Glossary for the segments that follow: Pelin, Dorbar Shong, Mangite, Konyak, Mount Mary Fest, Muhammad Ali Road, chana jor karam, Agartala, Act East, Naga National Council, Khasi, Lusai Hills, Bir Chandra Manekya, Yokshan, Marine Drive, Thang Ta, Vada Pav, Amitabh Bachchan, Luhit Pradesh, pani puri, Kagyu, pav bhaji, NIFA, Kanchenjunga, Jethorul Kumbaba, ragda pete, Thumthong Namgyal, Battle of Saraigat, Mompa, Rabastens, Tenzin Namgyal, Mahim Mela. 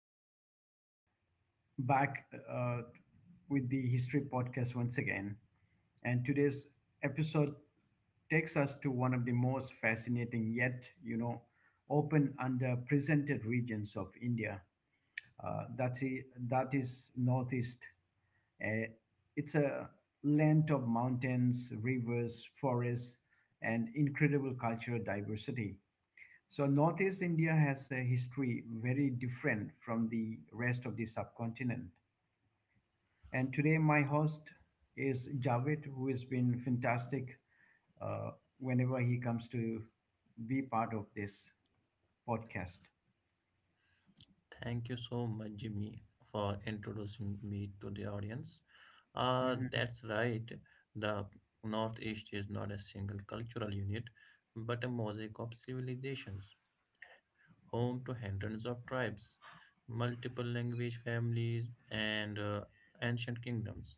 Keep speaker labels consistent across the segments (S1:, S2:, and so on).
S1: Jimmy back uh, with the History Podcast once again. And today's episode takes us to one of the most fascinating yet, open underrepresented regions of India. Uh, that's i- that is Northeast. Uh, it's a land of mountains, rivers, forests, and incredible cultural diversity. So Northeast India has a history very different from the rest of the subcontinent. And today my host is Javed, who has been fantastic uh, whenever he comes to be part of this podcast.
S2: Thank you so much, Jimmy, for introducing me to the audience. Uh,
S1: Mhm.
S2: that's right. The Northeast is not a single cultural unit, but a mosaic of civilizations, home to hundreds of tribes, multiple language families, and ancient kingdoms.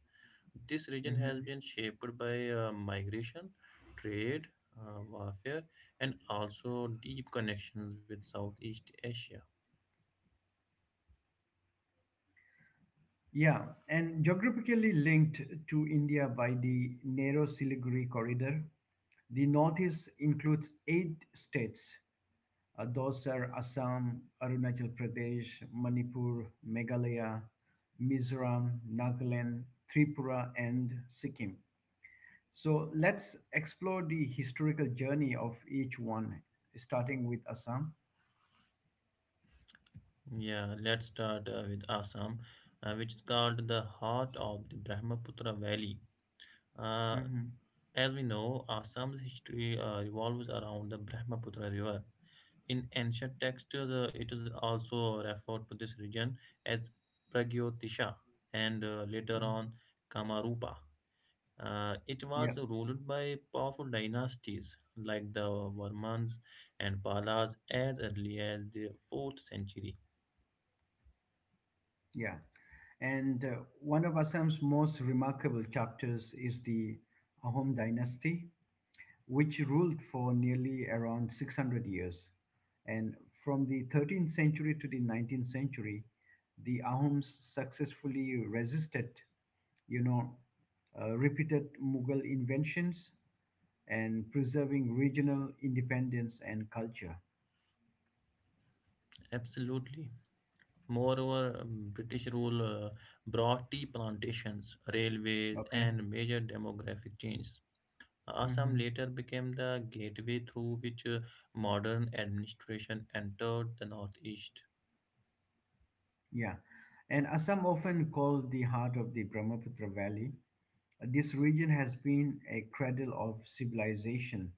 S2: This region has
S1: Mhm.
S2: been shaped by migration, trade, warfare, and also deep connections with Southeast Asia.
S1: Yeah, and geographically linked to India by the narrow Siliguri corridor, the Northeast includes eight states. Those are Assam, Arunachal Pradesh, Manipur, Meghalaya, Mizoram, Nagaland, Tripura, and Sikkim. So let's explore the historical journey of each one, starting with Assam.
S2: Yeah, let's start with Assam, which is called the heart of the Brahmaputra Valley. Uh,
S1: Mhm.
S2: as we know, Assam's history revolves around the Brahmaputra River. In ancient texts, it is also referred to this region as Pragyotisha and later
S1: Mhm.
S2: on Kamarupa. It
S1: Yeah,
S2: was ruled by powerful dynasties like the Varmans and Palas as early as the 4th century.
S1: yeah. And one of Assam's most remarkable chapters is the Ahom dynasty, which ruled for nearly around 600 years. And from the 13th century to the 19th century, the Ahoms successfully resisted, you know, repeated Mughal inventions and preserving regional independence and culture.
S2: Absolutely. Moreover, British rule brought tea plantations, railways,
S1: Okay.
S2: and major demographic changes. Assam
S1: Hmm.
S2: later became the gateway through which modern administration entered the northeast.
S1: Yeah. And Assam, often called the heart of the Brahmaputra Valley, this region has been a cradle of civilization.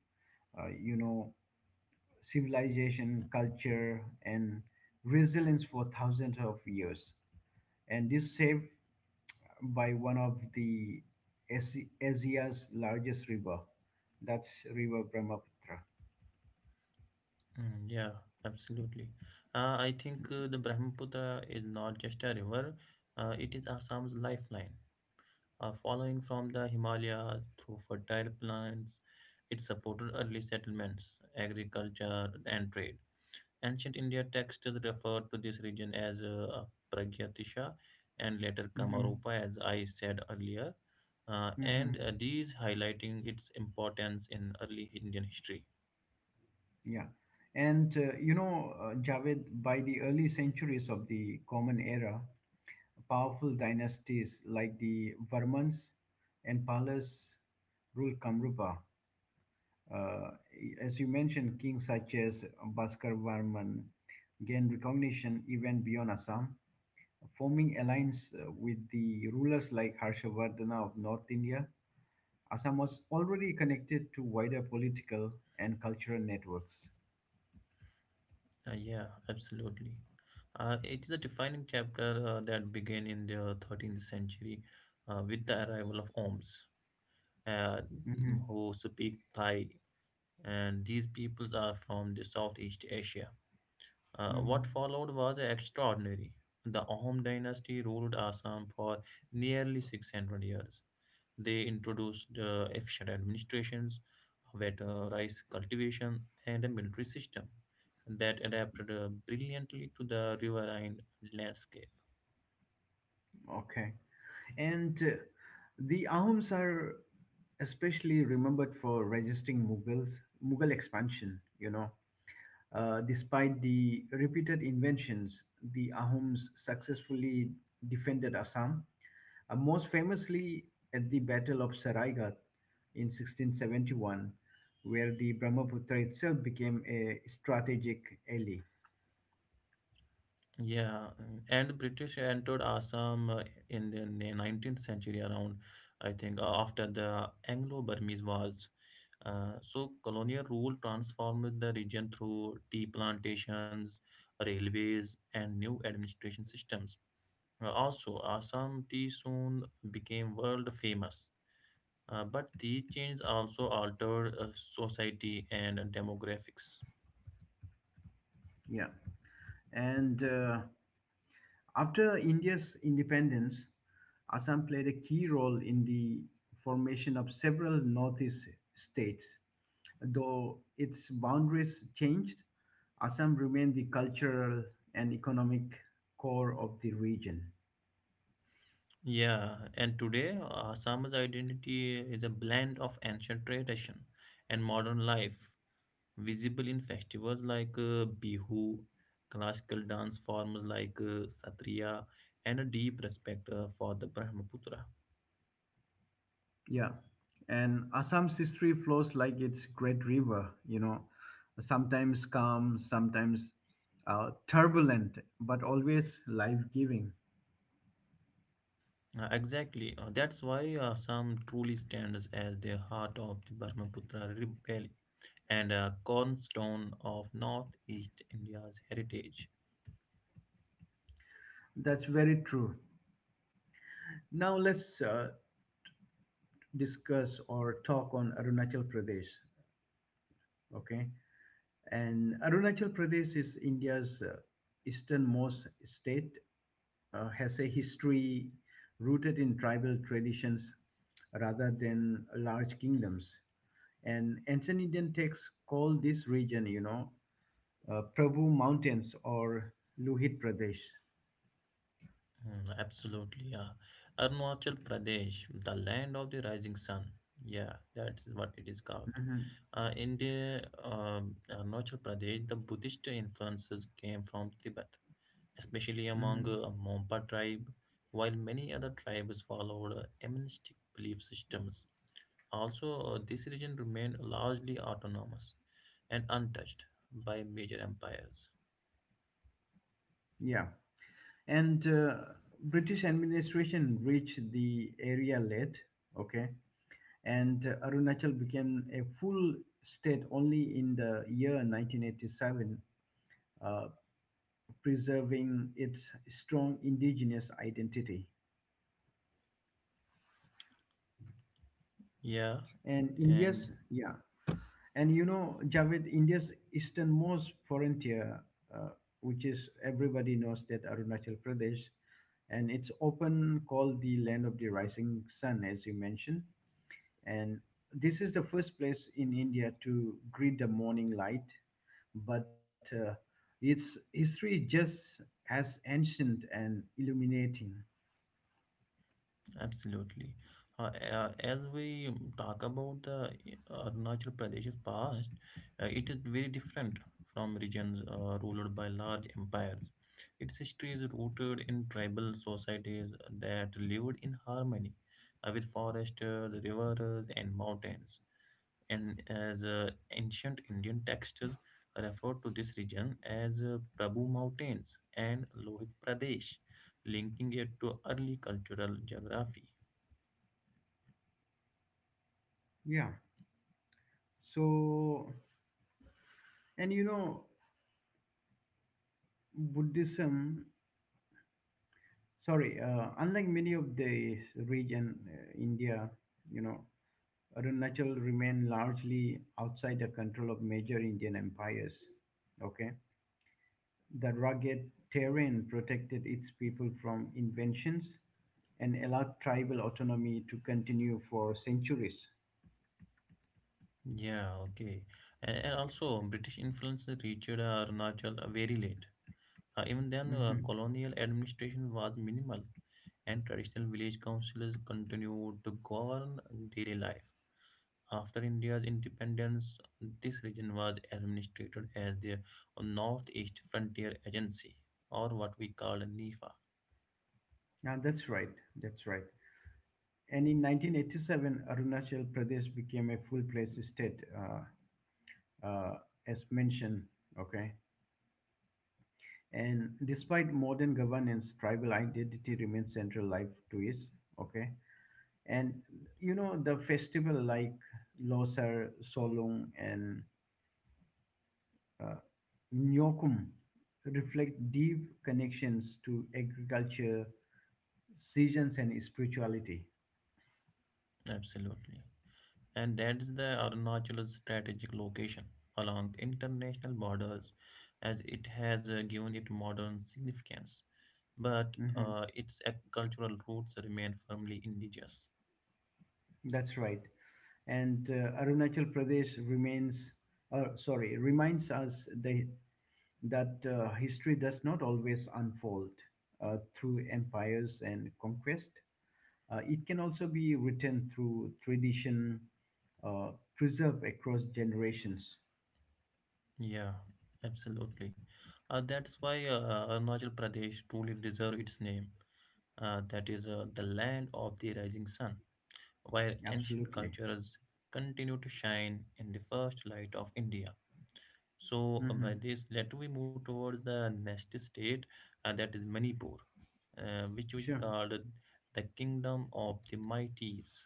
S1: Uh, you know, Civilization, culture, and resilience for thousands of years. And this saved by one of Asia's largest river, that's River Brahmaputra.
S2: Yeah, absolutely. I think the Brahmaputra is not just a river, it is Assam's lifeline. Following from the Himalayas through fertile plants, it supported early settlements, agriculture, and trade. Ancient India texts referred to this region as Pragyatisha and later
S1: Hmm.
S2: Kamarupa, as I said earlier, uh,
S1: Hmm.
S2: and uh, these highlighting its importance in early Indian history.
S1: Yeah. And Javed, by the early centuries of the Common Era, powerful dynasties like the Varmans and Palas ruled Kamrupa. Uh, as you mentioned, kings such as Bhaskar Varman gained recognition even beyond Assam, forming alliance with the rulers like Harshavardhana of North India. Assam was already connected to wider political and cultural networks.
S2: Yeah, absolutely. It is a defining chapter that began in the 13th century with the arrival of Oms, uh,
S1: Mhm.
S2: who speak Thai, and these peoples are from the Southeast Asia. Uh,
S1: Mm.
S2: what followed was extraordinary. The Ahom dynasty ruled Assam for nearly 600 years. They introduced efficient administrations, better rice cultivation, and a military system that adapted brilliantly to the riverine landscape.
S1: Okay. And the Ahoms are especially remembered for resisting Mughals, Mughal expansion. Despite the repeated inventions, the Ahoms successfully defended Assam, most famously at the Battle of Saraigat in 1671, where the Brahmaputra itself became a strategic ally.
S2: Yeah, and the British entered Assam in the 19th century around, I think, after the Anglo-Burmese Wars. So colonial rule transformed the region through tea plantations, railways, and new administration systems. Also, Assam tea soon became world famous. But these changes also altered society and demographics.
S1: Yeah. And after India's independence, Assam played a key role in the formation of several Northeast states. Though its boundaries changed, Assam remained the cultural and economic core of the region.
S2: Yeah, and today Assam's identity is a blend of ancient tradition and modern life, visible in festivals like Bihu, classical dance forms like Satriya, and a deep respect for the Brahmaputra.
S1: Yeah. And Assam's history flows like its great river, sometimes calm, sometimes turbulent, but always life giving.
S2: Exactly, that's why Assam truly stands as the heart of the Brahmaputra Valley and a cornerstone of Northeast India's heritage.
S1: That's very true. Now let's discuss or talk on Arunachal Pradesh. Okay. And Arunachal Pradesh is India's easternmost state, has a history rooted in tribal traditions rather than large kingdoms. And ancient Indian texts call this region, Prabhu Mountains or Luhit Pradesh.
S2: Absolutely, yeah. Arunachal Pradesh, the land of the rising sun. Yeah, that's what it is called. In the Arunachal Pradesh, the Buddhist influences came from Tibet, especially among
S1: Mhm.
S2: Mompa tribe, while many other tribes followed animistic belief systems. Also, this region remained largely autonomous and untouched by major empires.
S1: Yeah. And British administration reached the area late, okay, and Arunachal became a full state only in the year 1987, uh, preserving its strong indigenous identity.
S2: Yeah,
S1: And
S2: and
S1: India's, yeah, and you know, Javed, India's easternmost frontier, uh, which is everybody knows that Arunachal Pradesh, and it's often called the land of the rising sun, as you mentioned. And this is the first place in India to greet the morning light, but its history is just as ancient and illuminating.
S2: absolutely. As we talk about the Arunachal Pradesh's past, it is very different from regions ruled by large empires. Its history is rooted in tribal societies that lived in harmony with foresters, rivers, and mountains. And as ancient Indian texts refer to this region as Prabhu Mountains and Lohit Pradesh, linking it to early cultural geography.
S1: Yeah. So, and you know, Buddhism, sorry, unlike many of the region, India, you know, Arunachal remained largely outside the control of major Indian empires. Okay. The rugged terrain protected its people from inventions and allowed tribal autonomy to continue for centuries.
S2: Yeah, okay. And also, British influence reached Arunachal very late. Even then,
S1: Mhm.
S2: colonial administration was minimal, and traditional village councils continued to govern daily life. After India's independence, this region was administrated as the Northeast Frontier Agency, or what we call NIFA.
S1: Yeah, that's right. That's right. And in 1987, Arunachal Pradesh became a full-fledged state, uh, as mentioned. Okay. And despite modern governance, tribal identity remains central life to is. Okay. And you know the festival like Losar, Solong, and uh, Nyokum reflect deep connections to agriculture, seasons, and spirituality.
S2: Absolutely. And that's the Arunachal's strategic location along international borders, as it has given it modern significance. But
S1: Mhm.
S2: its cultural roots remain firmly indigenous.
S1: That's right. And Arunachal Pradesh reminds us that history does not always unfold through empires and conquest. It can also be written through tradition, uh, preserved across generations.
S2: Yeah, absolutely. That's why Arunachal Pradesh truly deserves its name. That is the land of the rising sun, where ancient
S1: Absolutely.
S2: cultures continue to shine in the first light of India. So by
S1: Hmm.
S2: this, let we move towards the next state, and that is Manipur, which we
S1: Sure.
S2: called the Kingdom of the Mighties.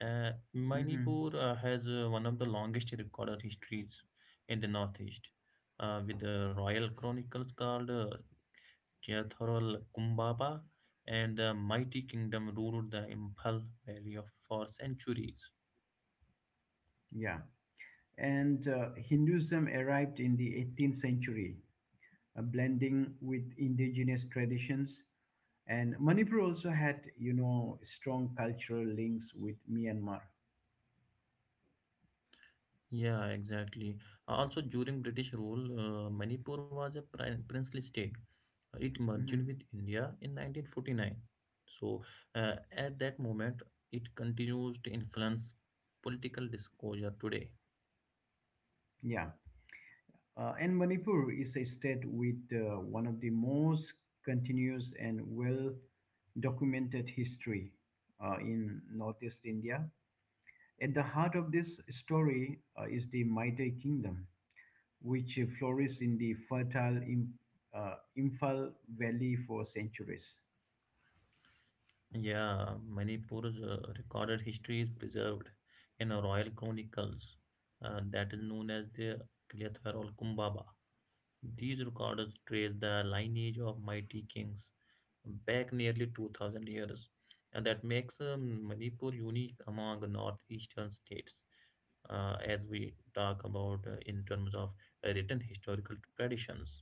S1: Mhm.
S2: Manipur has one of the longest recorded histories in the northeast, with the royal chronicles called Jethorul Kumbaba, and the mighty kingdom ruled the Imphal Valley of for centuries.
S1: Yeah, and Hinduism arrived in the 18th century, blending with indigenous traditions. And Manipur also had, strong cultural links with Myanmar.
S2: Yeah, exactly. Also, during British rule, Manipur was a princely state. It merged
S1: Mhm.
S2: with India in 1949. So, at that moment, it continues to influence political discourse today.
S1: Yeah, and Manipur is a state with one of the most continuous and well documented history in Northeast India. At the heart of this story is the Maitei Kingdom, which flourished in the fertile Imphal Valley for centuries.
S2: Yeah, Manipur's recorded history is preserved in a royal chronicles that is known as the Kalathar or Kumbaba. These records trace the lineage of mighty kings back nearly 2000 years, and that makes Manipur unique among northeastern states as we talk about in terms of written historical traditions.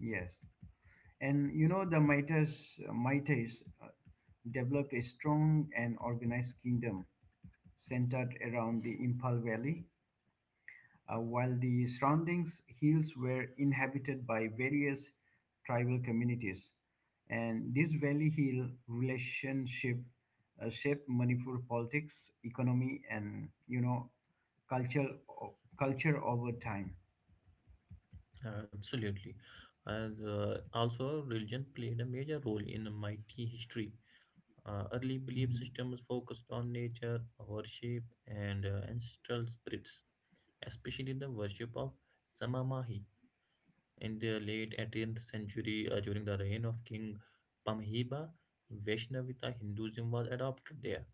S1: Yes. And the Mitas developed a strong and organized kingdom centered around the Imphal Valley, while the surrounding hills were inhabited by various tribal communities. And this valley hill relationship shaped Manipur politics, economy, and culture culture over time.
S2: Absolutely. And also, religion played a major role in the mighty history. Early belief
S1: Mhm.
S2: systems focused on nature, worship, and ancestral spirits, especially the worship of Samamahi. In the late 18th century, during the reign of King Pamhiba, Vaishnavita Hinduism was adopted there.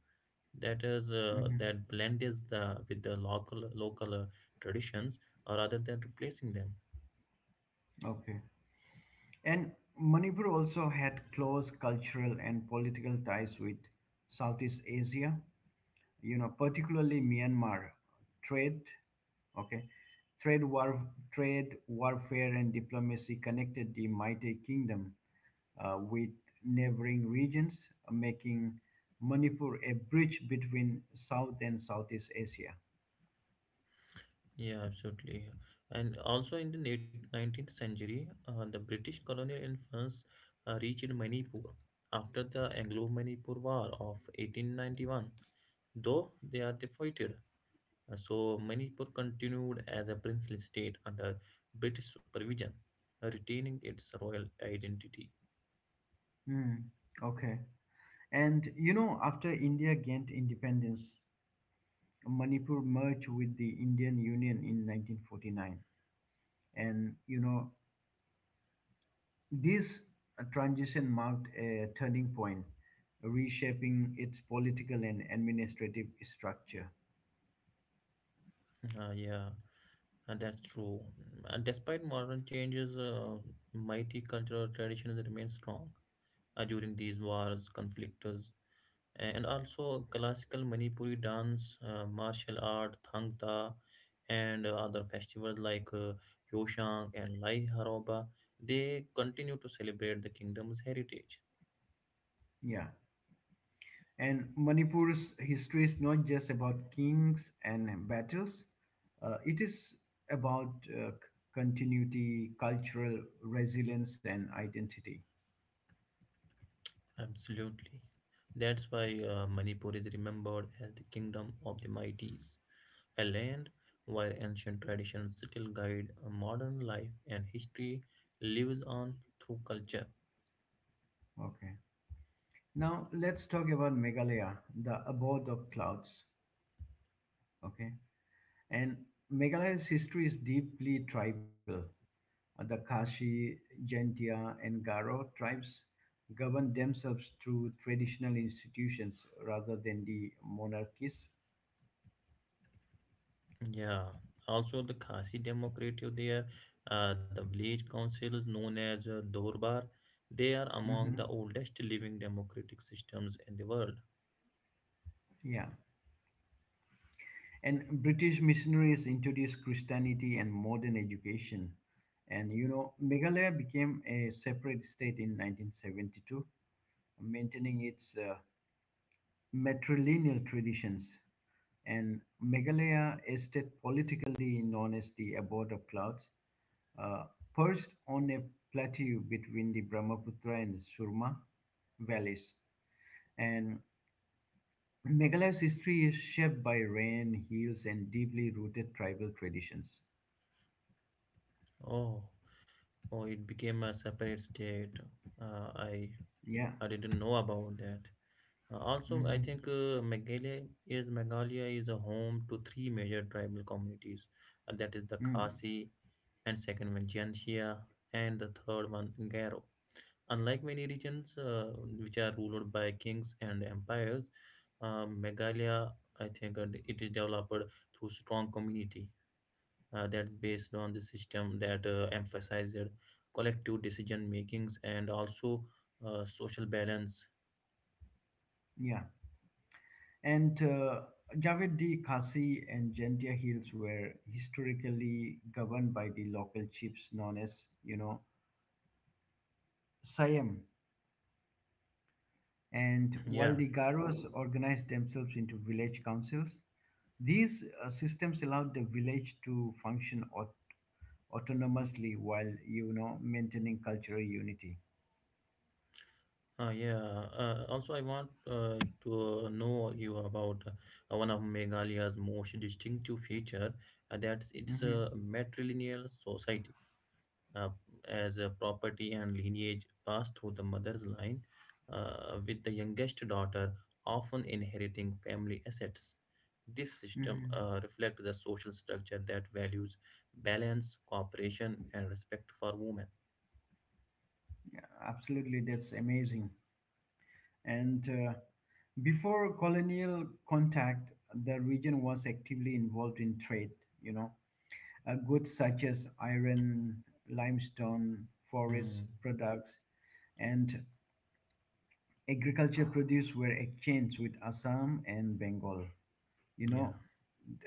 S2: That is,
S1: Mhm.
S2: that blend is the with the local traditions, rather than replacing them.
S1: Okay. And Manipur also had close cultural and political ties with Southeast Asia, particularly Myanmar, trade, okay, trade war, trade warfare and diplomacy connected the mighty kingdom with neighboring regions, making Manipur a bridge between South and Southeast Asia.
S2: Yeah, absolutely. And also in the late 19th century, the British colonial influence reached Manipur after the Anglo-Manipur War of 1891. Though they are defeated, so Manipur continued as a princely state under British supervision, retaining its royal identity.
S1: Hmm. Okay. And after India gained independence, Manipur merged with the Indian Union in 1949. And this transition marked a turning point, reshaping its political and administrative structure.
S2: Yeah, and that's true. And despite modern changes, mighty cultural traditions remain strong during these wars, conflicts, and also classical Manipuri dance, martial art, Thang Ta, and other festivals like Yoshang and Lai Haroba. They continue to celebrate the kingdom's heritage.
S1: Yeah. And Manipur's history is not just about kings and battles, it is about continuity, cultural resilience, and identity.
S2: Absolutely. That's why Manipur is remembered as the kingdom of the mighties, a land where ancient traditions still guide a modern life and history lives on through culture.
S1: Okay. Now let's talk about Meghalaya, the abode of clouds. Okay. And Meghalaya's history is deeply tribal. The Khashi, Jaintia, and Garo tribes governed themselves through traditional institutions rather than the monarchies.
S2: Yeah, also the Khasi Democratic there, the village councils known as Dorbar, they are among the
S1: Mhm.
S2: oldest living democratic systems in the world.
S1: Yeah. And British missionaries introduced Christianity and modern education. And Meghalaya became a separate state in 1972, maintaining its matrilineal traditions. And Meghalaya is still politically known as the abode of clouds, uh, perched on a plateau between the Brahmaputra and Surma valleys. And Meghalaya's history is shaped by rain, hills, and deeply rooted tribal traditions.
S2: Oh, oh, it became a separate state. Uh, I
S1: Yeah.
S2: I didn't know about that. Also, I
S1: Hmm.
S2: think Meghalaya is a home to three major tribal communities, and that is the
S1: Mm.
S2: Khasi, and second one Janshia, and the third one Garo. Unlike many regions which are ruled by kings and empires, Meghalaya, I think, it is developed through strong community that is based on the system that emphasizes collective decision makings and also social balance.
S1: Yeah. And Javedi, Khasi, and Jantia hills were historically governed by the local chiefs known as, Siam, and while
S2: Yeah.
S1: the Garos organized themselves into village councils. These systems allowed the village to function autonomously while maintaining cultural unity.
S2: Yeah. Also, I want to know you about one of Meghalaya's most distinctive feature, that's its
S1: Hmm.
S2: matrilineal society. Uh, as a property and lineage pass through the mother's line, with the youngest daughter often inheriting family assets. This system
S1: Hmm.
S2: reflects a social structure that values balance, cooperation, and respect for women.
S1: Yeah, absolutely, that's amazing. And before colonial contact, the region was actively involved in trade. You know, Goods such as iron, limestone, forest
S2: Hmm.
S1: products, and agriculture produce were exchanged with Assam and Bengal, you
S2: Yeah.
S1: know,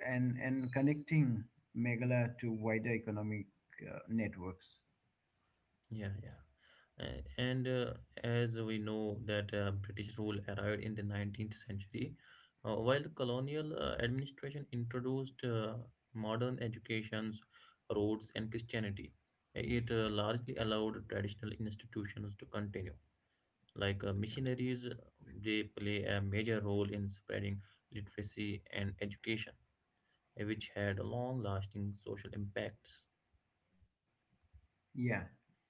S1: and connecting Meghalaya to wider economic networks.
S2: Yeah. And As we know that British rule arrived in the 19th century, while the colonial administration introduced modern educations, roads, and Christianity, it largely allowed traditional institutions to continue. Like missionaries, they play a major role in spreading literacy and education, which had long-lasting social impacts.
S1: Yeah.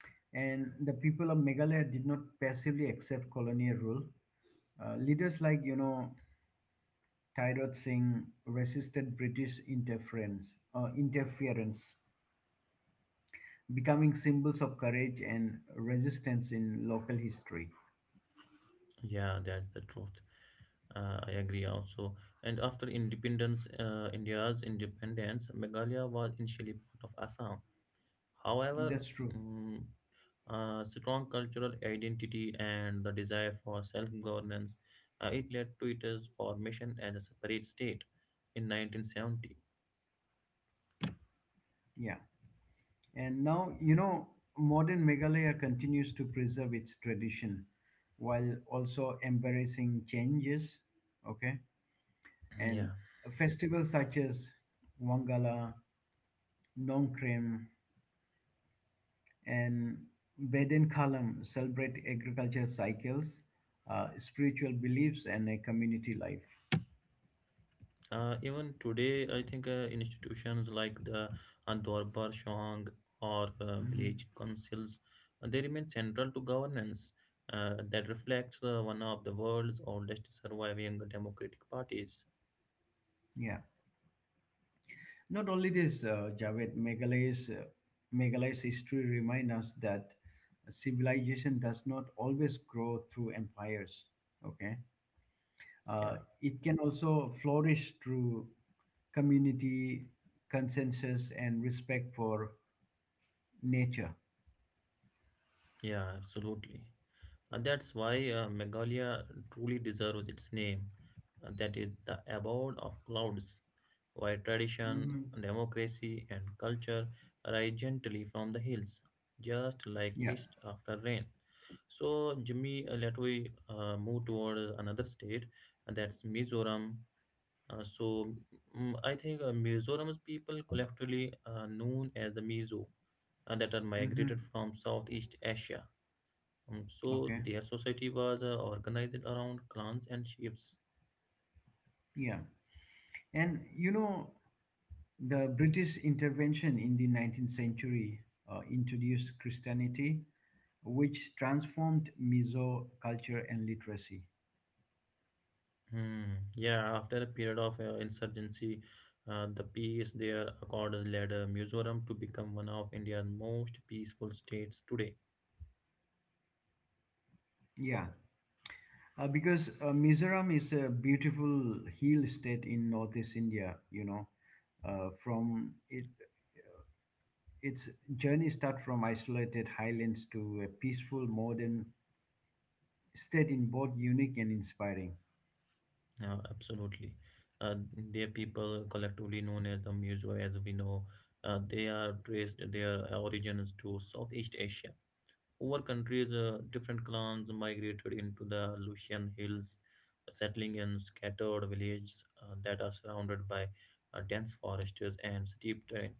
S1: And the people of Meghalaya did not passively accept colonial rule. Leaders like, Tirod Singh resisted British interference, becoming symbols of courage and resistance in local history.
S2: Yeah, that's the truth. I agree also. And after independence, India's independence, Meghalaya was initially part of Assam. However,
S1: That's true.
S2: mm, strong cultural identity and the desire for self-governance, it led to its formation as a separate state in 1970.
S1: Yeah. And now, modern Meghalaya continues to preserve its tradition while also embracing changes. Okay.
S2: Yeah,
S1: And festivals such as Wangala, Nongkrem, and Beden Kalam celebrate agriculture cycles, spiritual beliefs, and a community life.
S2: Even today, I think institutions like the Dorbar Shong or
S1: Mhm.
S2: village councils, they remain central to governance that reflects one of the world's oldest surviving democratic parties.
S1: Yeah. Not only this, Javed, Meghalaya's history reminds us that civilization does not always grow through empires. Okay,
S2: Yeah,
S1: it can also flourish through community consensus and respect for nature.
S2: yeah, absolutely. And that's why Meghalaya truly deserves its name, that is, the abode of clouds, where tradition,
S1: Hmm.
S2: democracy, and culture rise gently from the hills, just like
S1: Yeah.
S2: mist after rain. So, Jimmy, let we move towards another state, and that's Mizoram. Uh, so, I think Mizoram's people collectively known as the Mizo, and that are
S1: Mm-hmm.
S2: migrated from Southeast Asia. So
S1: Okay.
S2: their society was organized around clans and chiefs.
S1: Yeah. And the British intervention in the 19th century introduced Christianity which transformed Mizo culture and literacy.
S2: Hmm. Yeah, after a period of insurgency, the peace there accorded led Mizoram to become one of India's most peaceful states today.
S1: Yeah, because Mizoram is a beautiful hill state in northeast India. From it, its journey start from isolated highlands to a peaceful modern state in both unique and inspiring.
S2: Absolutely. Uh, their people, collectively known as the Mizo, as we know, they are traced their origins to Southeast Asia. Over countries, different clans migrated into the Lucian Hills, settling in scattered villages that are surrounded by dense forests and steep terrain.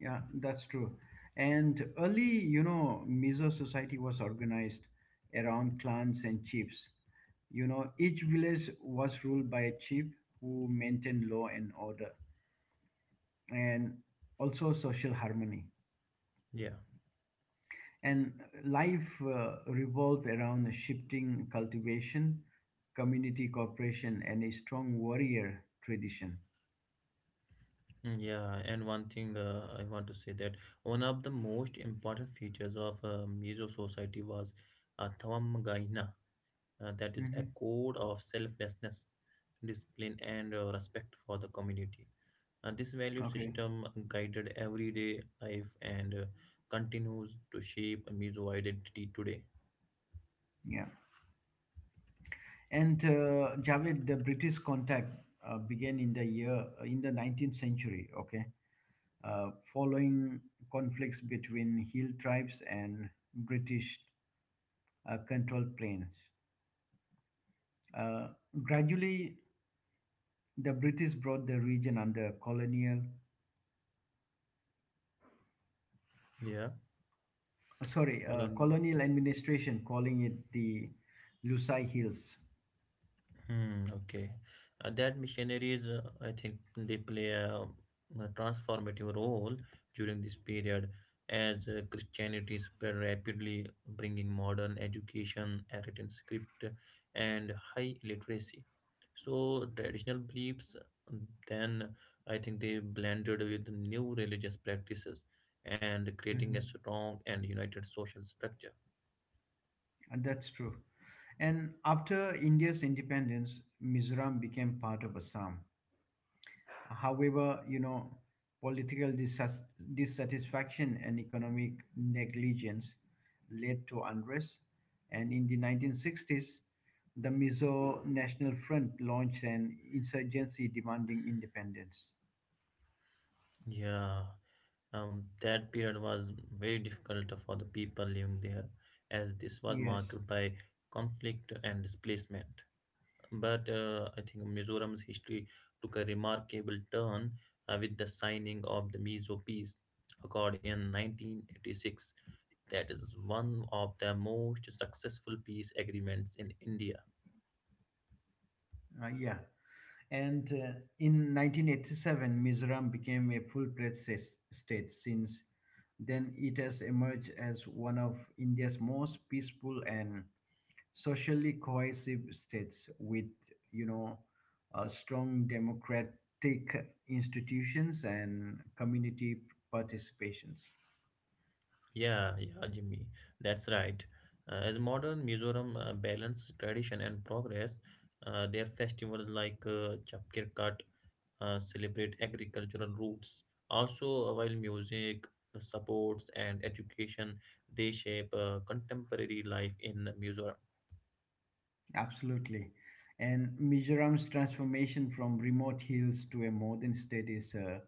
S1: Yeah, that's true. And early, Mizo society was organized around clans and chiefs. Each village was ruled by a chief who maintained law and order and also social harmony.
S2: Yeah.
S1: And life revolved around a shifting cultivation, community cooperation, and a strong warrior tradition.
S2: Yeah, and one thing I want to say that one of the most important features of Mizo society was Thamagaina, that is a
S1: Hmm.
S2: code of selflessness, discipline, and respect for the community. This value
S1: Okay,
S2: system guided everyday life and continues to shape Mizo identity today.
S1: yeah. And Javed, the British contact began in the 19th century. Okay, following conflicts between hill tribes and British controlled plains. Uh, Gradually, the British brought the region under
S2: Yeah, Colony.
S1: colonial administration, calling it the Lusai Hills.
S2: Hmm, okay. That missionaries, I think they play a transformative role during this period as Christianity spread rapidly, bringing modern education, a written script, and high literacy. So traditional beliefs, then I think they blended with new religious practices and creating a
S1: Mhm.
S2: strong and united social structure.
S1: And that's true. And after India's independence, Mizoram became part of Assam. However, political dissatisfaction and economic negligence led to unrest. And in the 1960s, the Mizo National Front launched an insurgency demanding independence.
S2: Yeah. That period was very difficult for the people living there, as this was
S1: Yes,
S2: marked by conflict and displacement. But I think Mizoram's history took a remarkable turn with the signing of the Mizo Peace Accord in 1986. That is one of the most successful peace agreements in India.
S1: yeah. And in 1987, Mizoram became a full-fledged state. Since then, it has emerged as one of India's most peaceful and socially cohesive states with you know strong democratic institutions and community participations.
S2: Yeah, yeah, Jimmy, that's right. As modern Mizoram balance tradition and progress, their festivals like Chapkir Kat celebrate agricultural roots. Also, while music supports and education, they shape contemporary life in Mizoram.
S1: Absolutely. And Mizoram's transformation from remote hills to a modern state is a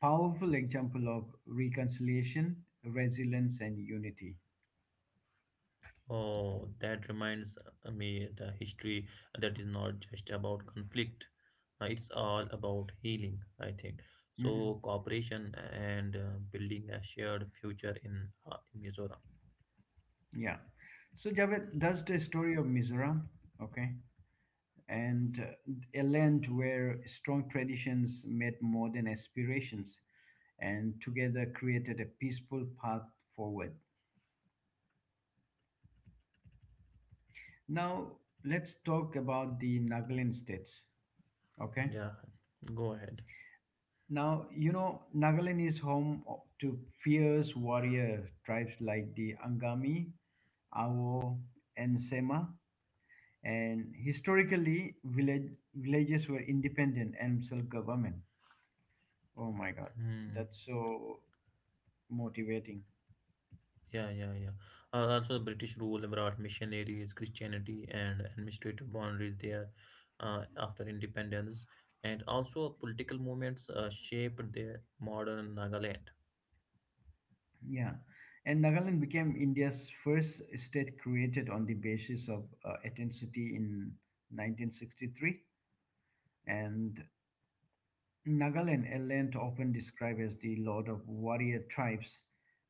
S1: powerful example of reconciliation, resilience, and unity.
S2: Oh, that reminds me the history that is not just about conflict. It's all about healing, I think.
S1: Mhm.
S2: So cooperation and building a shared future in Mizoram.
S1: Yeah, so Javed, that's the story of Mizoram. Okay. And a land where strong traditions met modern aspirations and together created a peaceful path forward. Now, let's talk about the Nagaland states. Okay.
S2: Yeah, go ahead.
S1: Now, Nagaland is home to fierce warrior tribes like the Angami, Awo, and Sema. And historically, villages were independent and self government. Oh my God.
S2: Hmm.
S1: That's so motivating.
S2: Yeah, yeah, yeah. Also, the British rule brought missionaries, Christianity, and administrative boundaries there after independence, and also political movements shaped the modern Nagaland.
S1: Yeah. And Nagaland became India's first state created on the basis of ethnicity in 1963. And Nagaland, a land often described as the lord of warrior tribes,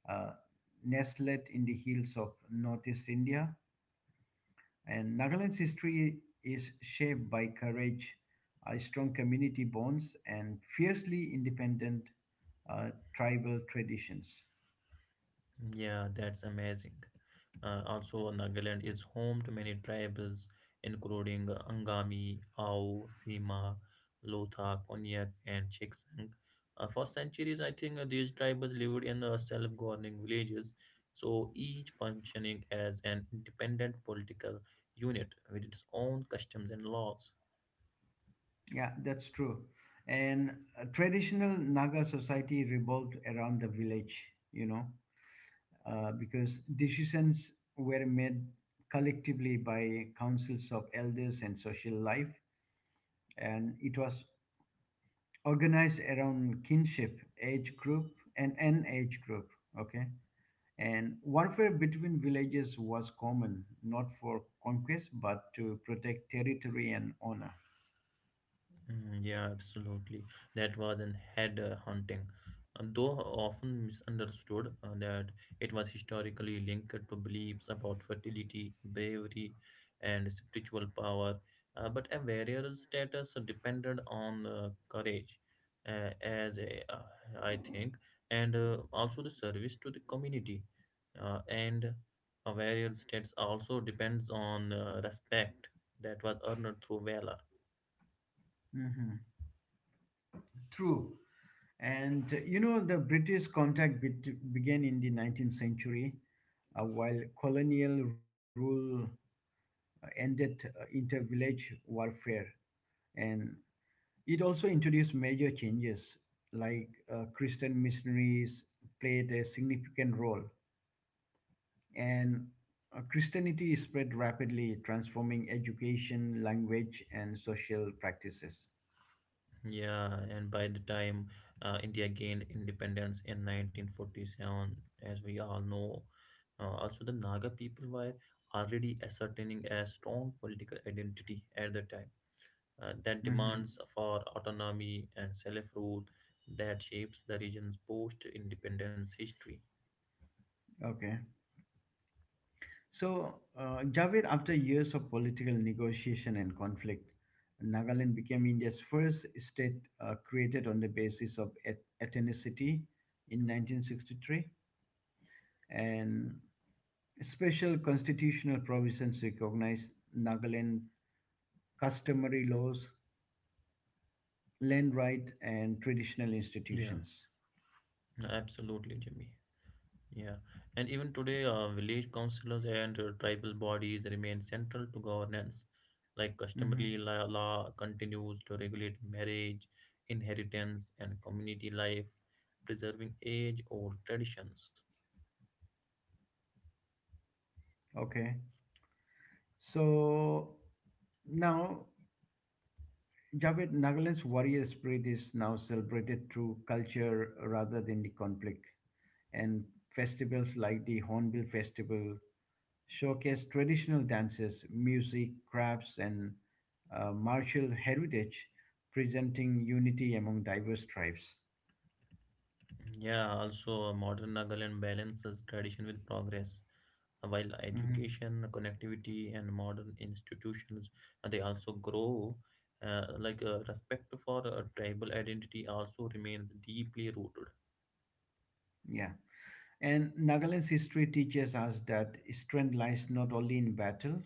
S1: uh, nestled in the hills of northeast India. And Nagaland's history is shaped by courage, strong community bonds, and fiercely independent uh, tribal traditions.
S2: Yeah, that's amazing. Also, Nagaland is home to many tribes, including Angami, Ao, Sima, Lotha, Konyak, and Chiksang. For centuries, I think these tribes lived in self-governing villages, so each functioning as an independent political unit with its own customs and laws.
S1: Yeah, that's true. And traditional Naga society revolved around the village, you know, because decisions were made collectively by councils of elders and social life. And it was organized around kinship, age group, and an age group. Okay. And warfare between villages was common, not for conquest, but to protect territory and honor.
S2: Yeah, absolutely. That was an head hunting. And though often misunderstood, that it was historically linked to beliefs about fertility, bravery, and spiritual power. But a warrior's status depended on courage, uh, as a, uh, I think, and also the service to the community. And a warrior's status also depends on respect that was earned through valor.
S1: Hmm True. And the British began in the 19th century, while colonial rule ended inter-village warfare, and it also introduced major changes, like Christian missionaries played a significant role, and Christianity spread rapidly, transforming education, language, and social practices.
S2: Yeah, and by the time India gained independence in 1947, as we all know, also the Naga people were already ascertaining a strong political identity at the time that
S1: Hmm
S2: demands for autonomy and self-rule that shapes the region's post-independence history.
S1: Okay. So, Javed, after years of political negotiation and conflict, Nagaland became India's first state created on the basis of ethnicity in 1963, and special constitutional provisions recognize Nagaland customary laws, land right, and traditional
S2: Yeah,
S1: institutions.
S2: absolutely, Jimmy. Yeah, and even today, village councillors and tribal bodies remain central to governance. Like customary
S1: Hmm
S2: law continues to regulate marriage, inheritance, and community life, preserving age-old traditions.
S1: Okay, so now. Javed, Nagaland's warrior spirit is now celebrated through culture rather than the conflict, and festivals like the Hornbill Festival showcase traditional dances, music, crafts, and martial heritage, presenting unity among diverse tribes.
S2: Yeah, also modern Nagaland balances tradition with progress. While
S1: Mhm.
S2: education, connectivity, and modern institutions they also grow. Respect for tribal identity also remains deeply rooted.
S1: Yeah. And Nagaland's history teaches us that strength lies not only in battle,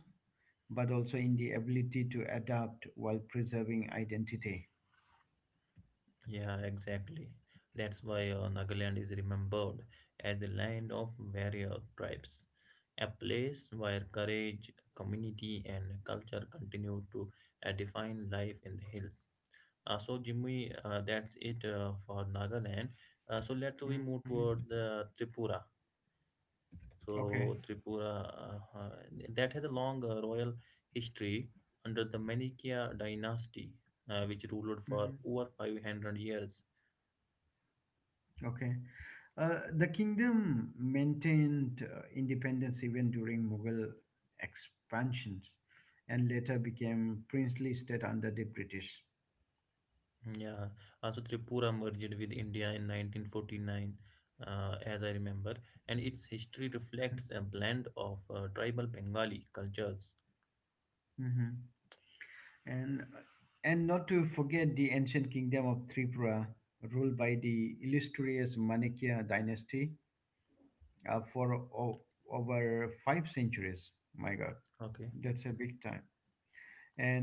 S1: but also in the ability to adapt while preserving identity.
S2: Yeah, exactly. That's why Nagaland is remembered as the land of warrior tribes, a place where courage, community, and culture continue to define life in the hills. So, Jimmy, that's it for Nagaland. So, let's we move
S1: Mhm.
S2: toward the Tripura.
S1: Okay.
S2: So, Tripura uh, uh, that has a long royal history under the Manikya dynasty, which ruled
S1: Mhm.
S2: for over 500 years.
S1: Okay. The kingdom maintained independence even during Mughal expansions and later became princely state under the British.
S2: Yeah, also Tripura merged with India in 1949, as I remember, and its history reflects a blend of tribal Bengali cultures.
S1: Mhm. And and not to forget the ancient kingdom of Tripura, ruled by the illustrious Manikya dynasty for over five centuries. My God,
S2: Okay,
S1: that's a big time.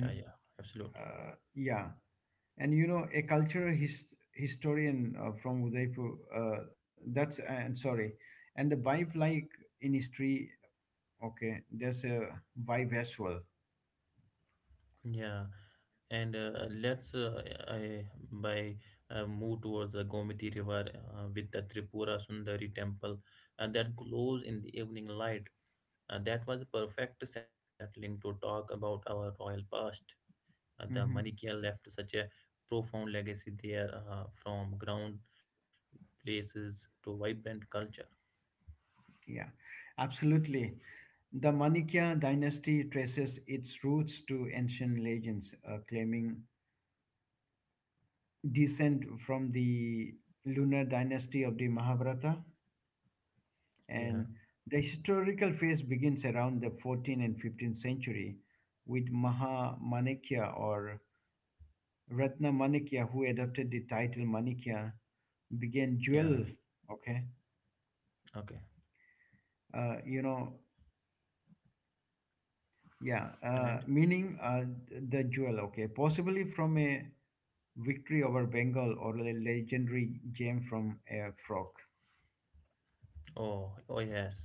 S2: yeah, yeah, absolutely.
S1: uh, yeah, and you know, a historian from Udaipur, and the vibe like in history, okay, there's a vibe as well.
S2: Yeah, and let's I, by move towards the Gomati River with the Tripura Sundari temple that glows in the evening light. That was a perfect settling to talk about our royal past. The Manikya
S1: Hmm
S2: left such a profound legacy there, from ground places to vibrant culture.
S1: Yeah, absolutely. The Manikya dynasty traces its roots to ancient legends, claiming descent from the lunar dynasty of the Mahabharata.
S2: Yeah,
S1: And the historical phase begins around the 14th and 15th century with Maha Manikya or Ratna Manikya, who adopted the title Manikya, began
S2: yeah,
S1: jewel, okay?
S2: okay.
S1: Uh, you know, yeah,
S2: And
S1: Meaning the jewel, okay? Possibly from a victory over Bengal or a legendary gem from a frog.
S2: oh, oh yes.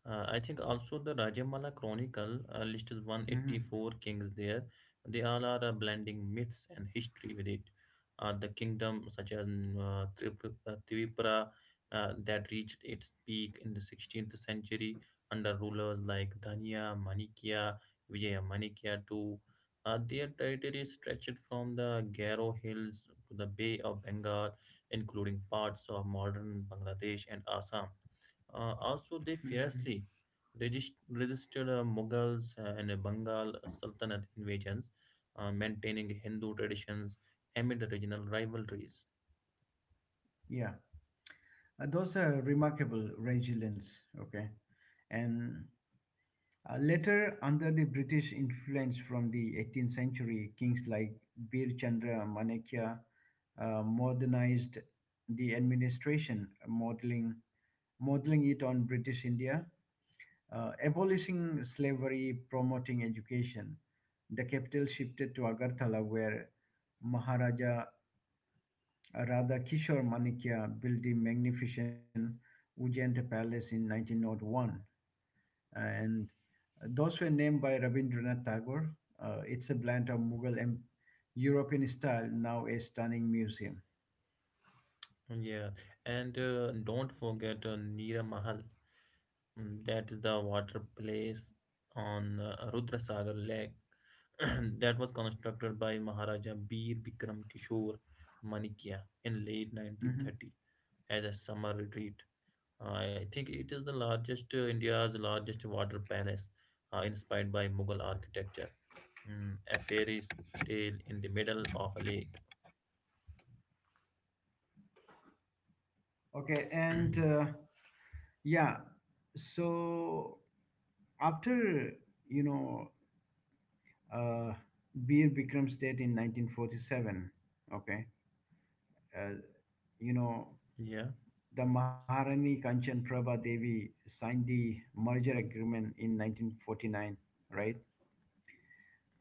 S2: I think also the Rajamala Chronicle lists
S1: Hmm
S2: 184 kings there. They all are blending myths and history with it. The kingdom such as Tripura that reached its peak in the 16th century under rulers like Dhania, Manikya, Vijaya Manikya too. Their territory stretched from the Garo Hills to the Bay of Bengal, including parts of modern Bangladesh and Assam. Also, they
S1: hmm
S2: fiercely resisted Mughals and Bengal Sultanate invasions, maintaining Hindu traditions amid regional rivalries.
S1: Yeah, those are remarkable resilience. Okay, and later, under the British influence from the 18th century, kings like Bir Chandra Manekya modernized the administration, modeling it on British India, abolishing slavery, promoting education. The capital shifted to Agartala, where Maharaja Radha Kishore Manekya built the magnificent Ujjain Palace in 1901. And those were named by Rabindranath Tagore. It's a blend of Mughal and European style, now a stunning museum.
S2: Yeah, and don't forget Neera Mahal. Mm, that is the water place on Rudrasagar Lake that was constructed by Maharaja Bir Bikram Kishore Manikya in late
S1: Mhm.
S2: 1930 as a summer retreat. I think it is the largest India's largest water palace, inspired by Mughal architecture. A fairy's tale in the middle of a lake.
S1: Okay, and yeah, so after you know uh, Bir Bikram's death in 1947, okay, uh, you know
S2: Yeah,
S1: the Maharani Kanchan Prabha Devi signed the merger agreement in 1949, right?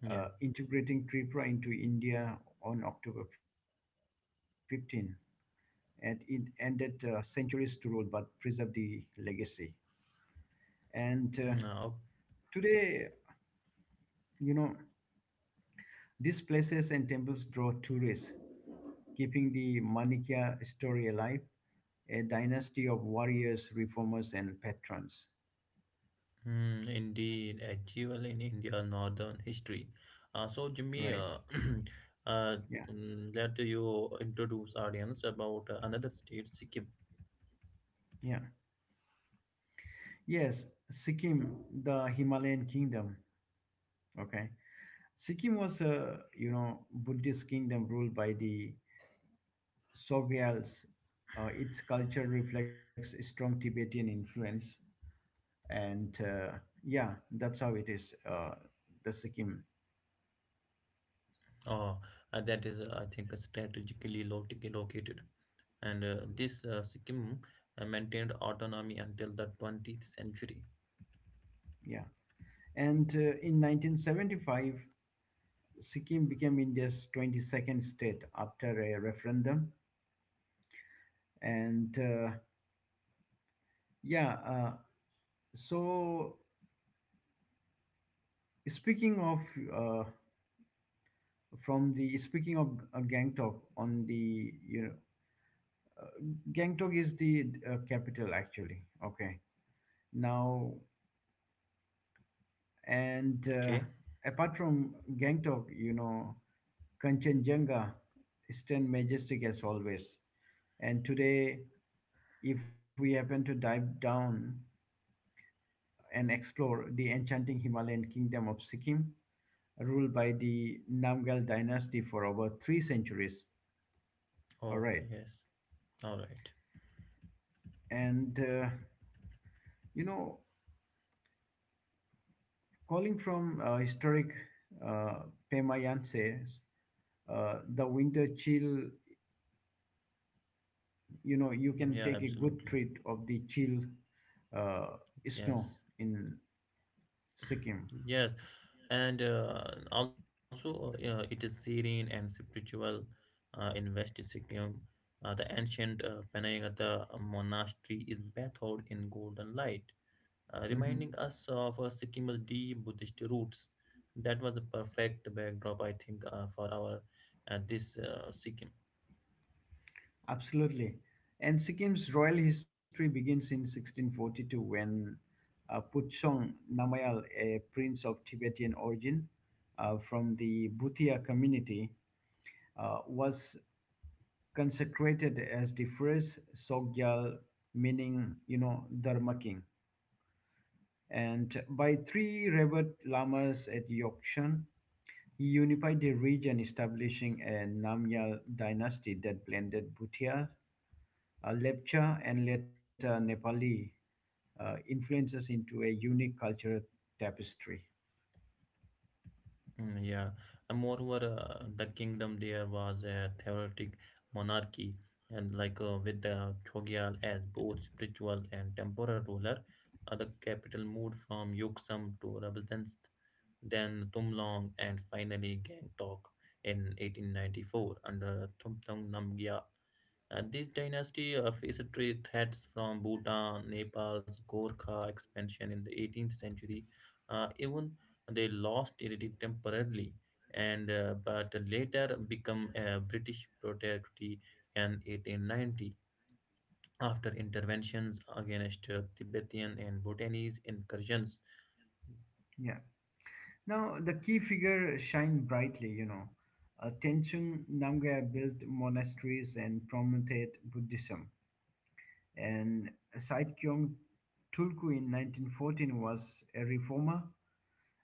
S2: yeah.
S1: Uh, integrating Tripura into India on October 15. And it ended centuries to rule but preserved the legacy. And
S2: Now,
S1: today, you know, these places and temples draw tourists, keeping the Manikya story alive, a dynasty of warriors, reformers, and patrons.
S2: mm, indeed, achievable in India's northern history. So, Jimmy,
S1: Right.
S2: uh,
S1: Yeah.
S2: let you introduce audience about another state, Sikkim.
S1: Yeah. Yes. Sikkim, the Himalayan kingdom. Okay. Sikkim was a you know Buddhist kingdom ruled by the Sogyals. Its culture reflects a strong Tibetan influence, and yeah, that's how it is. The Sikkim,
S2: Uh, that is, I think, strategically located. And this Sikkim maintained autonomy until the 20th century.
S1: yeah. And in 1975, Sikkim became India's 22nd state after a referendum, and yeah. So speaking of uh, speaking of Gangtok on the you know Gangtok is the capital, actually. Okay. Now, and
S2: Okay.
S1: apart from Gangtok, you know, Kanchenjunga stand majestic as always. And today, if we happen to dive down and explore the enchanting Himalayan kingdom of Sikkim, ruled by the Namgal dynasty for over three centuries. All
S2: Oh,
S1: right.
S2: yes. All right.
S1: And, you know, calling from historic uh, Pemayanse, the winter chill, you know, you can
S2: Yeah,
S1: take a good
S2: absolutely.
S1: treat of the chill uh, snow
S2: Yes.
S1: in Sikkim.
S2: Yes. And yeah, it is serene and spiritual in West Sikkim. The ancient Panayagata monastery is bathed in golden light,
S1: Hmm
S2: reminding us of Sikkim's deep Buddhist roots. That was the perfect backdrop, I think, for our this Sikkim.
S1: Absolutely. And Sikkim's royal history begins in 1642 when Puchong Namayal, a prince of Tibetan origin from the Bhutia community, was consecrated as the first Sogyal, meaning, you know, Dharma king. And by three revered lamas at Yokshan, he unified the region, establishing a Namyal dynasty that blended Bhutia, Lepcha, and later Nepali influences into a unique cultural tapestry.
S2: Yeah, and moreover, the kingdom there was a theocratic monarchy, and with the Chogyal as both spiritual and temporal ruler, the capital moved from Yoksam to Rabastens, then Tumlong, and finally Gangtok in 1894 under Thumthong Namgyal. This dynasty faced trade threats from Bhutan, Nepal's Gorkha expansion in the 18th century. Even they lost it temporarily, and but later become a British protectorate in 1890 after interventions against Tibetan and Bhutanese incursions.
S1: Yeah. Now, the key figure shined brightly, you know. Tenzin Namgyal built monasteries and promoted Buddhism, and Said Kyong Tulku in 1914 was a reformer,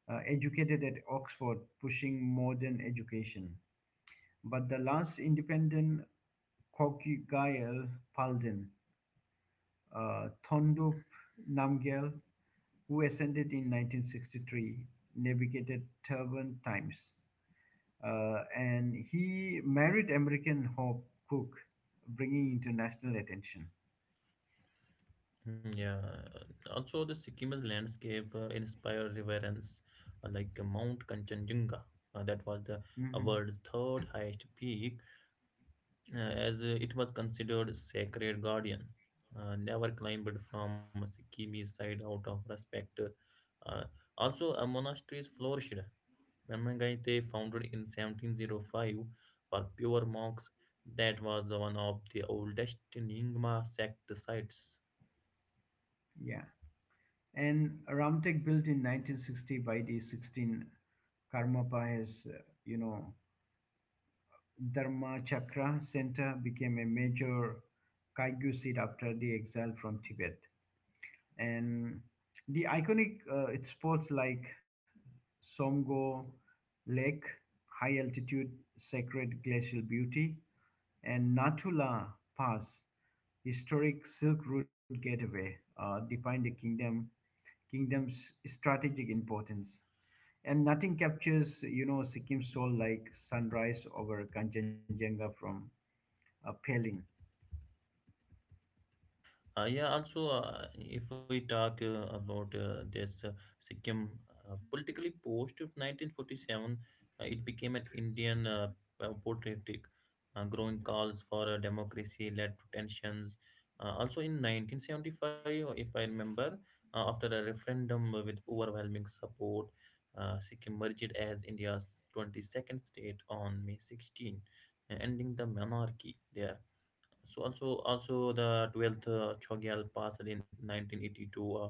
S1: educated at Oxford, pushing modern education. But the last independent Kokugayal Palden, Thondup Namgyal, who ascended in 1963, navigated turbulent times. And he married American Hope Cook, bringing international attention.
S2: Yeah, also the Sikkim's landscape inspired reverence, Mount Kanchenjunga, that was the
S1: Mhm.
S2: world's third highest peak, as it was considered sacred guardian. Never climbed from Sikkim's side out of respect. Uh, Monasteries flourished. Mangite founded in 1705 for pure monks. That was the one of the oldest Nyingma sect sites.
S1: Yeah. And Ramtek built in 1960 by the 16 Karmapa's, you know, Dharma Chakra Center became a major Kagyu seat after the exile from Tibet. And the iconic its spots like Somgo Lake, high altitude sacred glacial beauty, and Natula Pass, historic Silk Road gateway, define the kingdom's strategic importance. And nothing captures, you know, Sikkim's soul like sunrise over Kanchenjunga from Pelin.
S2: Yeah, also, if we talk about this Sikkim politically post of 1947, it became an Indian portraitic. Growing calls for democracy led to tensions. Also, in 1975, if I remember, after a referendum with overwhelming support, Sikkim merged as India's 22nd state on May 16, ending the monarchy there. So also the 12th Chogyal passed in 1982, uh,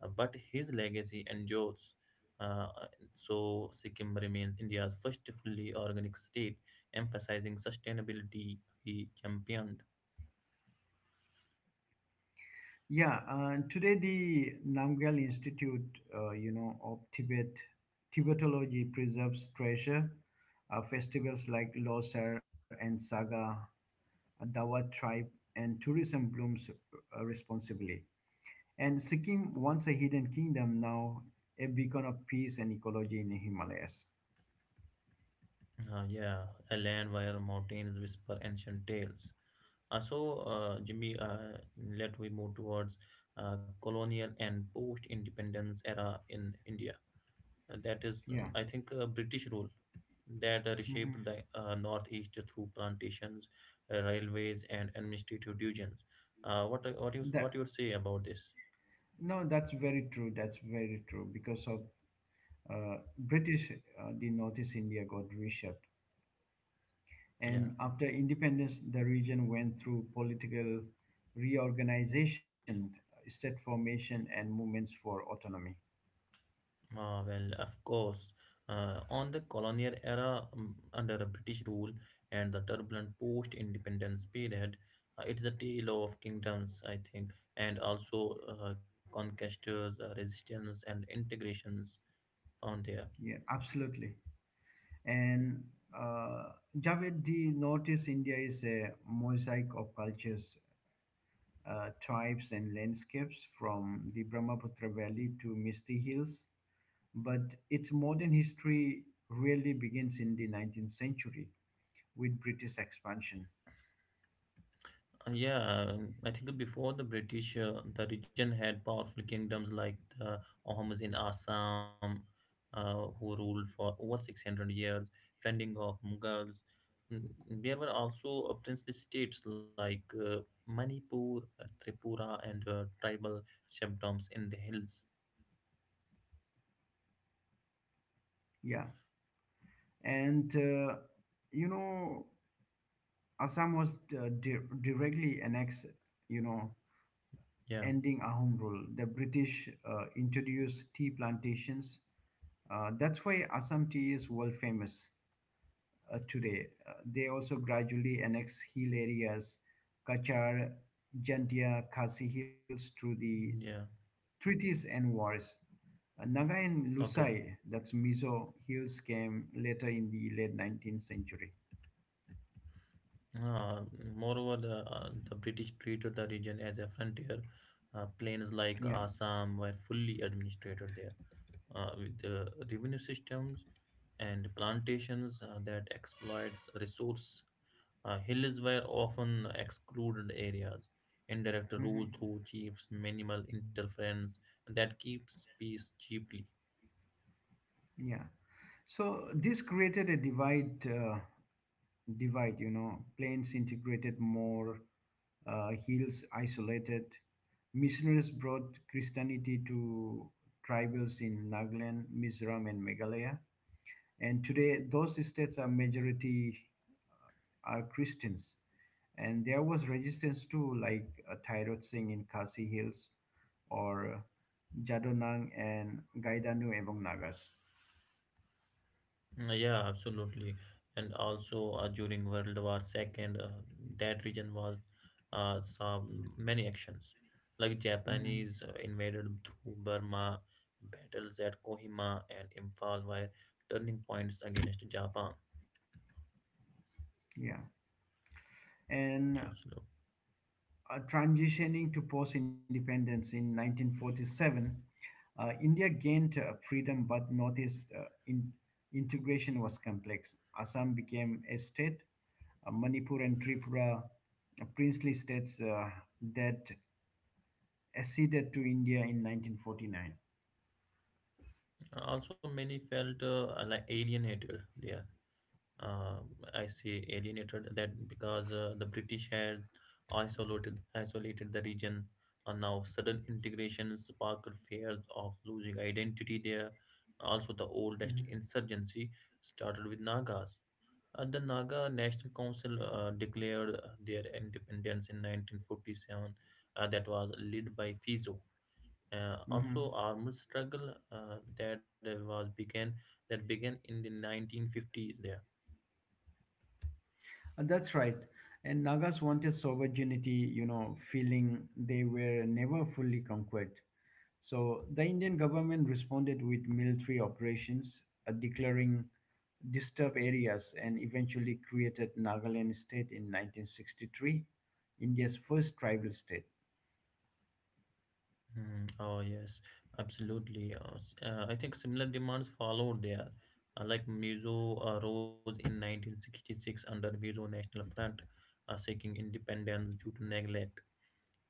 S2: uh, but his legacy endures. Uh, so Sikkim remains India's first fully organic state, emphasizing sustainability. He championed,
S1: Yeah, today the Namgyal Institute, of Tibetology preserves treasure. Festivals like Losar and Saga, Dawat tribe, and tourism blooms responsibly. And Sikkim, once a hidden kingdom, now a beacon of peace and ecology in the Himalayas.
S2: yeah, a land where mountains whisper ancient tales. So, Jimmy, let we move towards colonial and post-independence era in India. And that is,
S1: Yeah.
S2: I think, British rule that reshaped
S1: hmm
S2: the northeast through plantations, railways, and administrative divisions. What you what
S1: that
S2: you would say about this?
S1: No, that's very true. That's very true because of British, the Northeast India got reshaped,
S2: Yeah.
S1: and after independence, the region went through political reorganization, state formation, and movements for autonomy.
S2: Ah, well, of course. On the colonial era under a British rule and the turbulent post-independence period, it's a tale of kingdoms, I think, and also conquestors, resistance, and integrations found there.
S1: Yeah, absolutely. And uh, Javed, the Northeast India is a mosaic of cultures, tribes, and landscapes from the Brahmaputra Valley to Misty Hills. But its modern history really begins in the 19th century with British expansion.
S2: Yeah, I think before the British, the region had powerful kingdoms like the Ohamas in Assam, who ruled for over 600 years, fending off Mughals. Mm, there were also princely states like Manipur, Tripura, and tribal chiefdoms in the hills.
S1: Yeah. And, you know, Assam was directly annexed, you know,
S2: Yeah,
S1: ending Ahom rule. The British introduced tea plantations. That's why Assam tea is world famous today. They also gradually annex hill areas, Kachar, Jantia, Khasi hills through the
S2: yeah,
S1: treaties and wars. Naga and
S2: okay.
S1: Lusai, that's Mizo hills, came later in the late 19th century.
S2: Uh, moreover, the British treated the region as a frontier. Plains like
S1: Yeah.
S2: Assam were fully administrated there, with the revenue systems and plantations that exploits resource. Hills were often excluded areas. Indirect
S1: hmm
S2: rule through chiefs, minimal interference that keeps peace cheaply.
S1: Yeah. So this created a divide, you know, plains integrated more, hills isolated. Missionaries brought Christianity to tribals in Nagaland, Mizoram, and Meghalaya. And today, those states are majority are Christians. And there was resistance too, like Tyrod Singh in Khasi Hills or Jadonang and Gaidanu among Nagas.
S2: Yeah, absolutely. And also during World War Second, that region was saw many actions, like
S1: Mhm.
S2: Japanese invaded through Burma, battles at Kohima and Imphal were turning points against Japan.
S1: Yeah. And
S2: Absolutely.
S1: transitioning to post independence in 1947, India gained freedom, but Northeast integration was complex. Assam became a state, Manipur and Tripura, princely states that acceded to India in 1949.
S2: Also, many felt like alienated there, uh, I say alienated that because the British had isolated the region. And now sudden integration sparked fears of losing identity there. Also, the oldest
S1: Mhm.
S2: insurgency started with Nagas. The Naga National Council declared their independence in 1947, that was led by Fizo. Also,
S1: Mhm.
S2: armed struggle that began in the 1950s there.
S1: And that's right. And Nagas wanted sovereignty, you know, feeling they were never fully conquered. So the Indian government responded with military operations, declaring disturbed areas, and eventually created Nagaland state in 1963, India's first tribal state.
S2: Hmm. Oh yes, absolutely. I think similar demands followed there, like Mizo rose in 1966 under Mizo National Front, seeking independence due to neglect.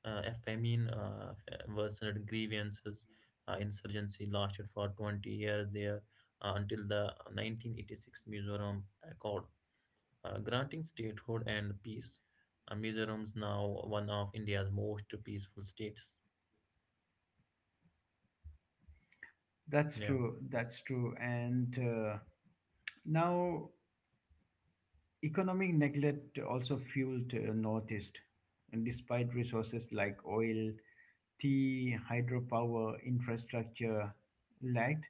S2: A famine worsened grievances. Insurgency lasted for 20 years there until the 1986 Mizoram Accord, granting statehood and peace. Mizoram is now one of India's most peaceful states.
S1: That's
S2: Yeah.
S1: true. That's true. And now economic neglect also fueled Northeast, and despite resources like oil, tea, hydropower, infrastructure lagged.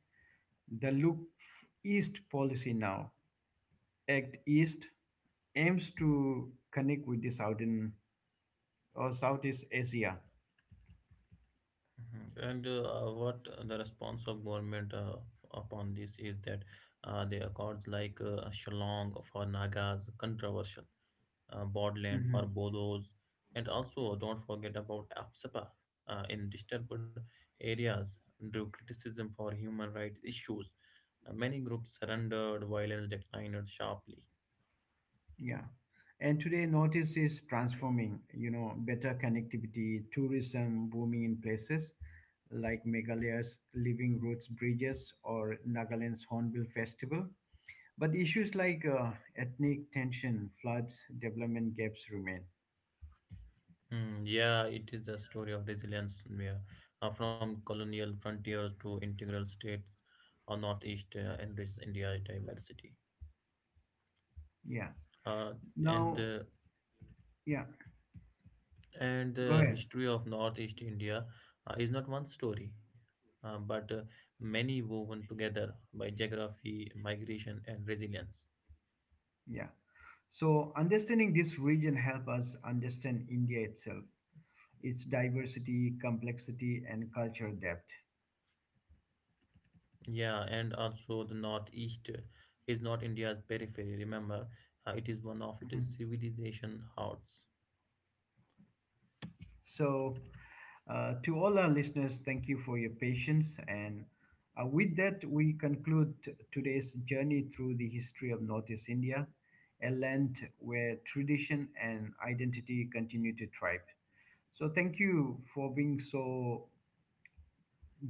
S1: The Loop East policy now, Act East, aims to connect with the southern or Southeast Asia.
S2: Mhm. And what the response of government upon this is that the accords like Shillong for Nagas, controversial, Bodland for Bodos, and also don't forget about AFSPA in disturbed areas drew criticism for human rights issues. Many groups surrendered, violence declined sharply.
S1: Yeah. And today, Northeast is transforming, you know, better connectivity, tourism booming in places like Meghalayas, Living Roots Bridges, or Nagaland's Hornbill Festival. But issues like ethnic tension, floods, development gaps remain.
S2: Hmm. Yeah, it is a story of resilience, yeah, from colonial frontiers to integral states or northeast and rich India's diversity.
S1: Yeah.
S2: Uh, and
S1: Now,
S2: uh,
S1: yeah,
S2: and
S1: go
S2: the
S1: ahead.
S2: history of northeast India is not one story, but many woven together by geography, migration, and resilience.
S1: Yeah. So, understanding this region help us understand India itself, its diversity, complexity, and cultural depth.
S2: Yeah, and also the northeast is not India's periphery. Remember, it is one of
S1: Mhm.
S2: its civilization hearts.
S1: So, to all our listeners, thank you for your patience. And with that, we conclude today's journey through the history of Northeast India, a land where tradition and identity continue to thrive. So, thank you for being so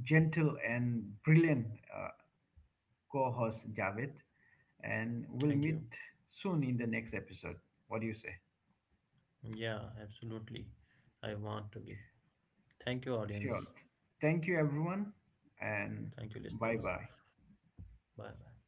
S1: gentle and brilliant, uh, co host Javed. And we'll
S2: Thank you.
S1: meet soon in the next episode. What do you say?
S2: Yeah, absolutely. I want to be. Thank you,
S1: Sure.
S2: audience.
S1: Thank you, everyone,
S2: Thank
S1: and
S2: you, listeners.
S1: bye bye.
S2: Bye bye.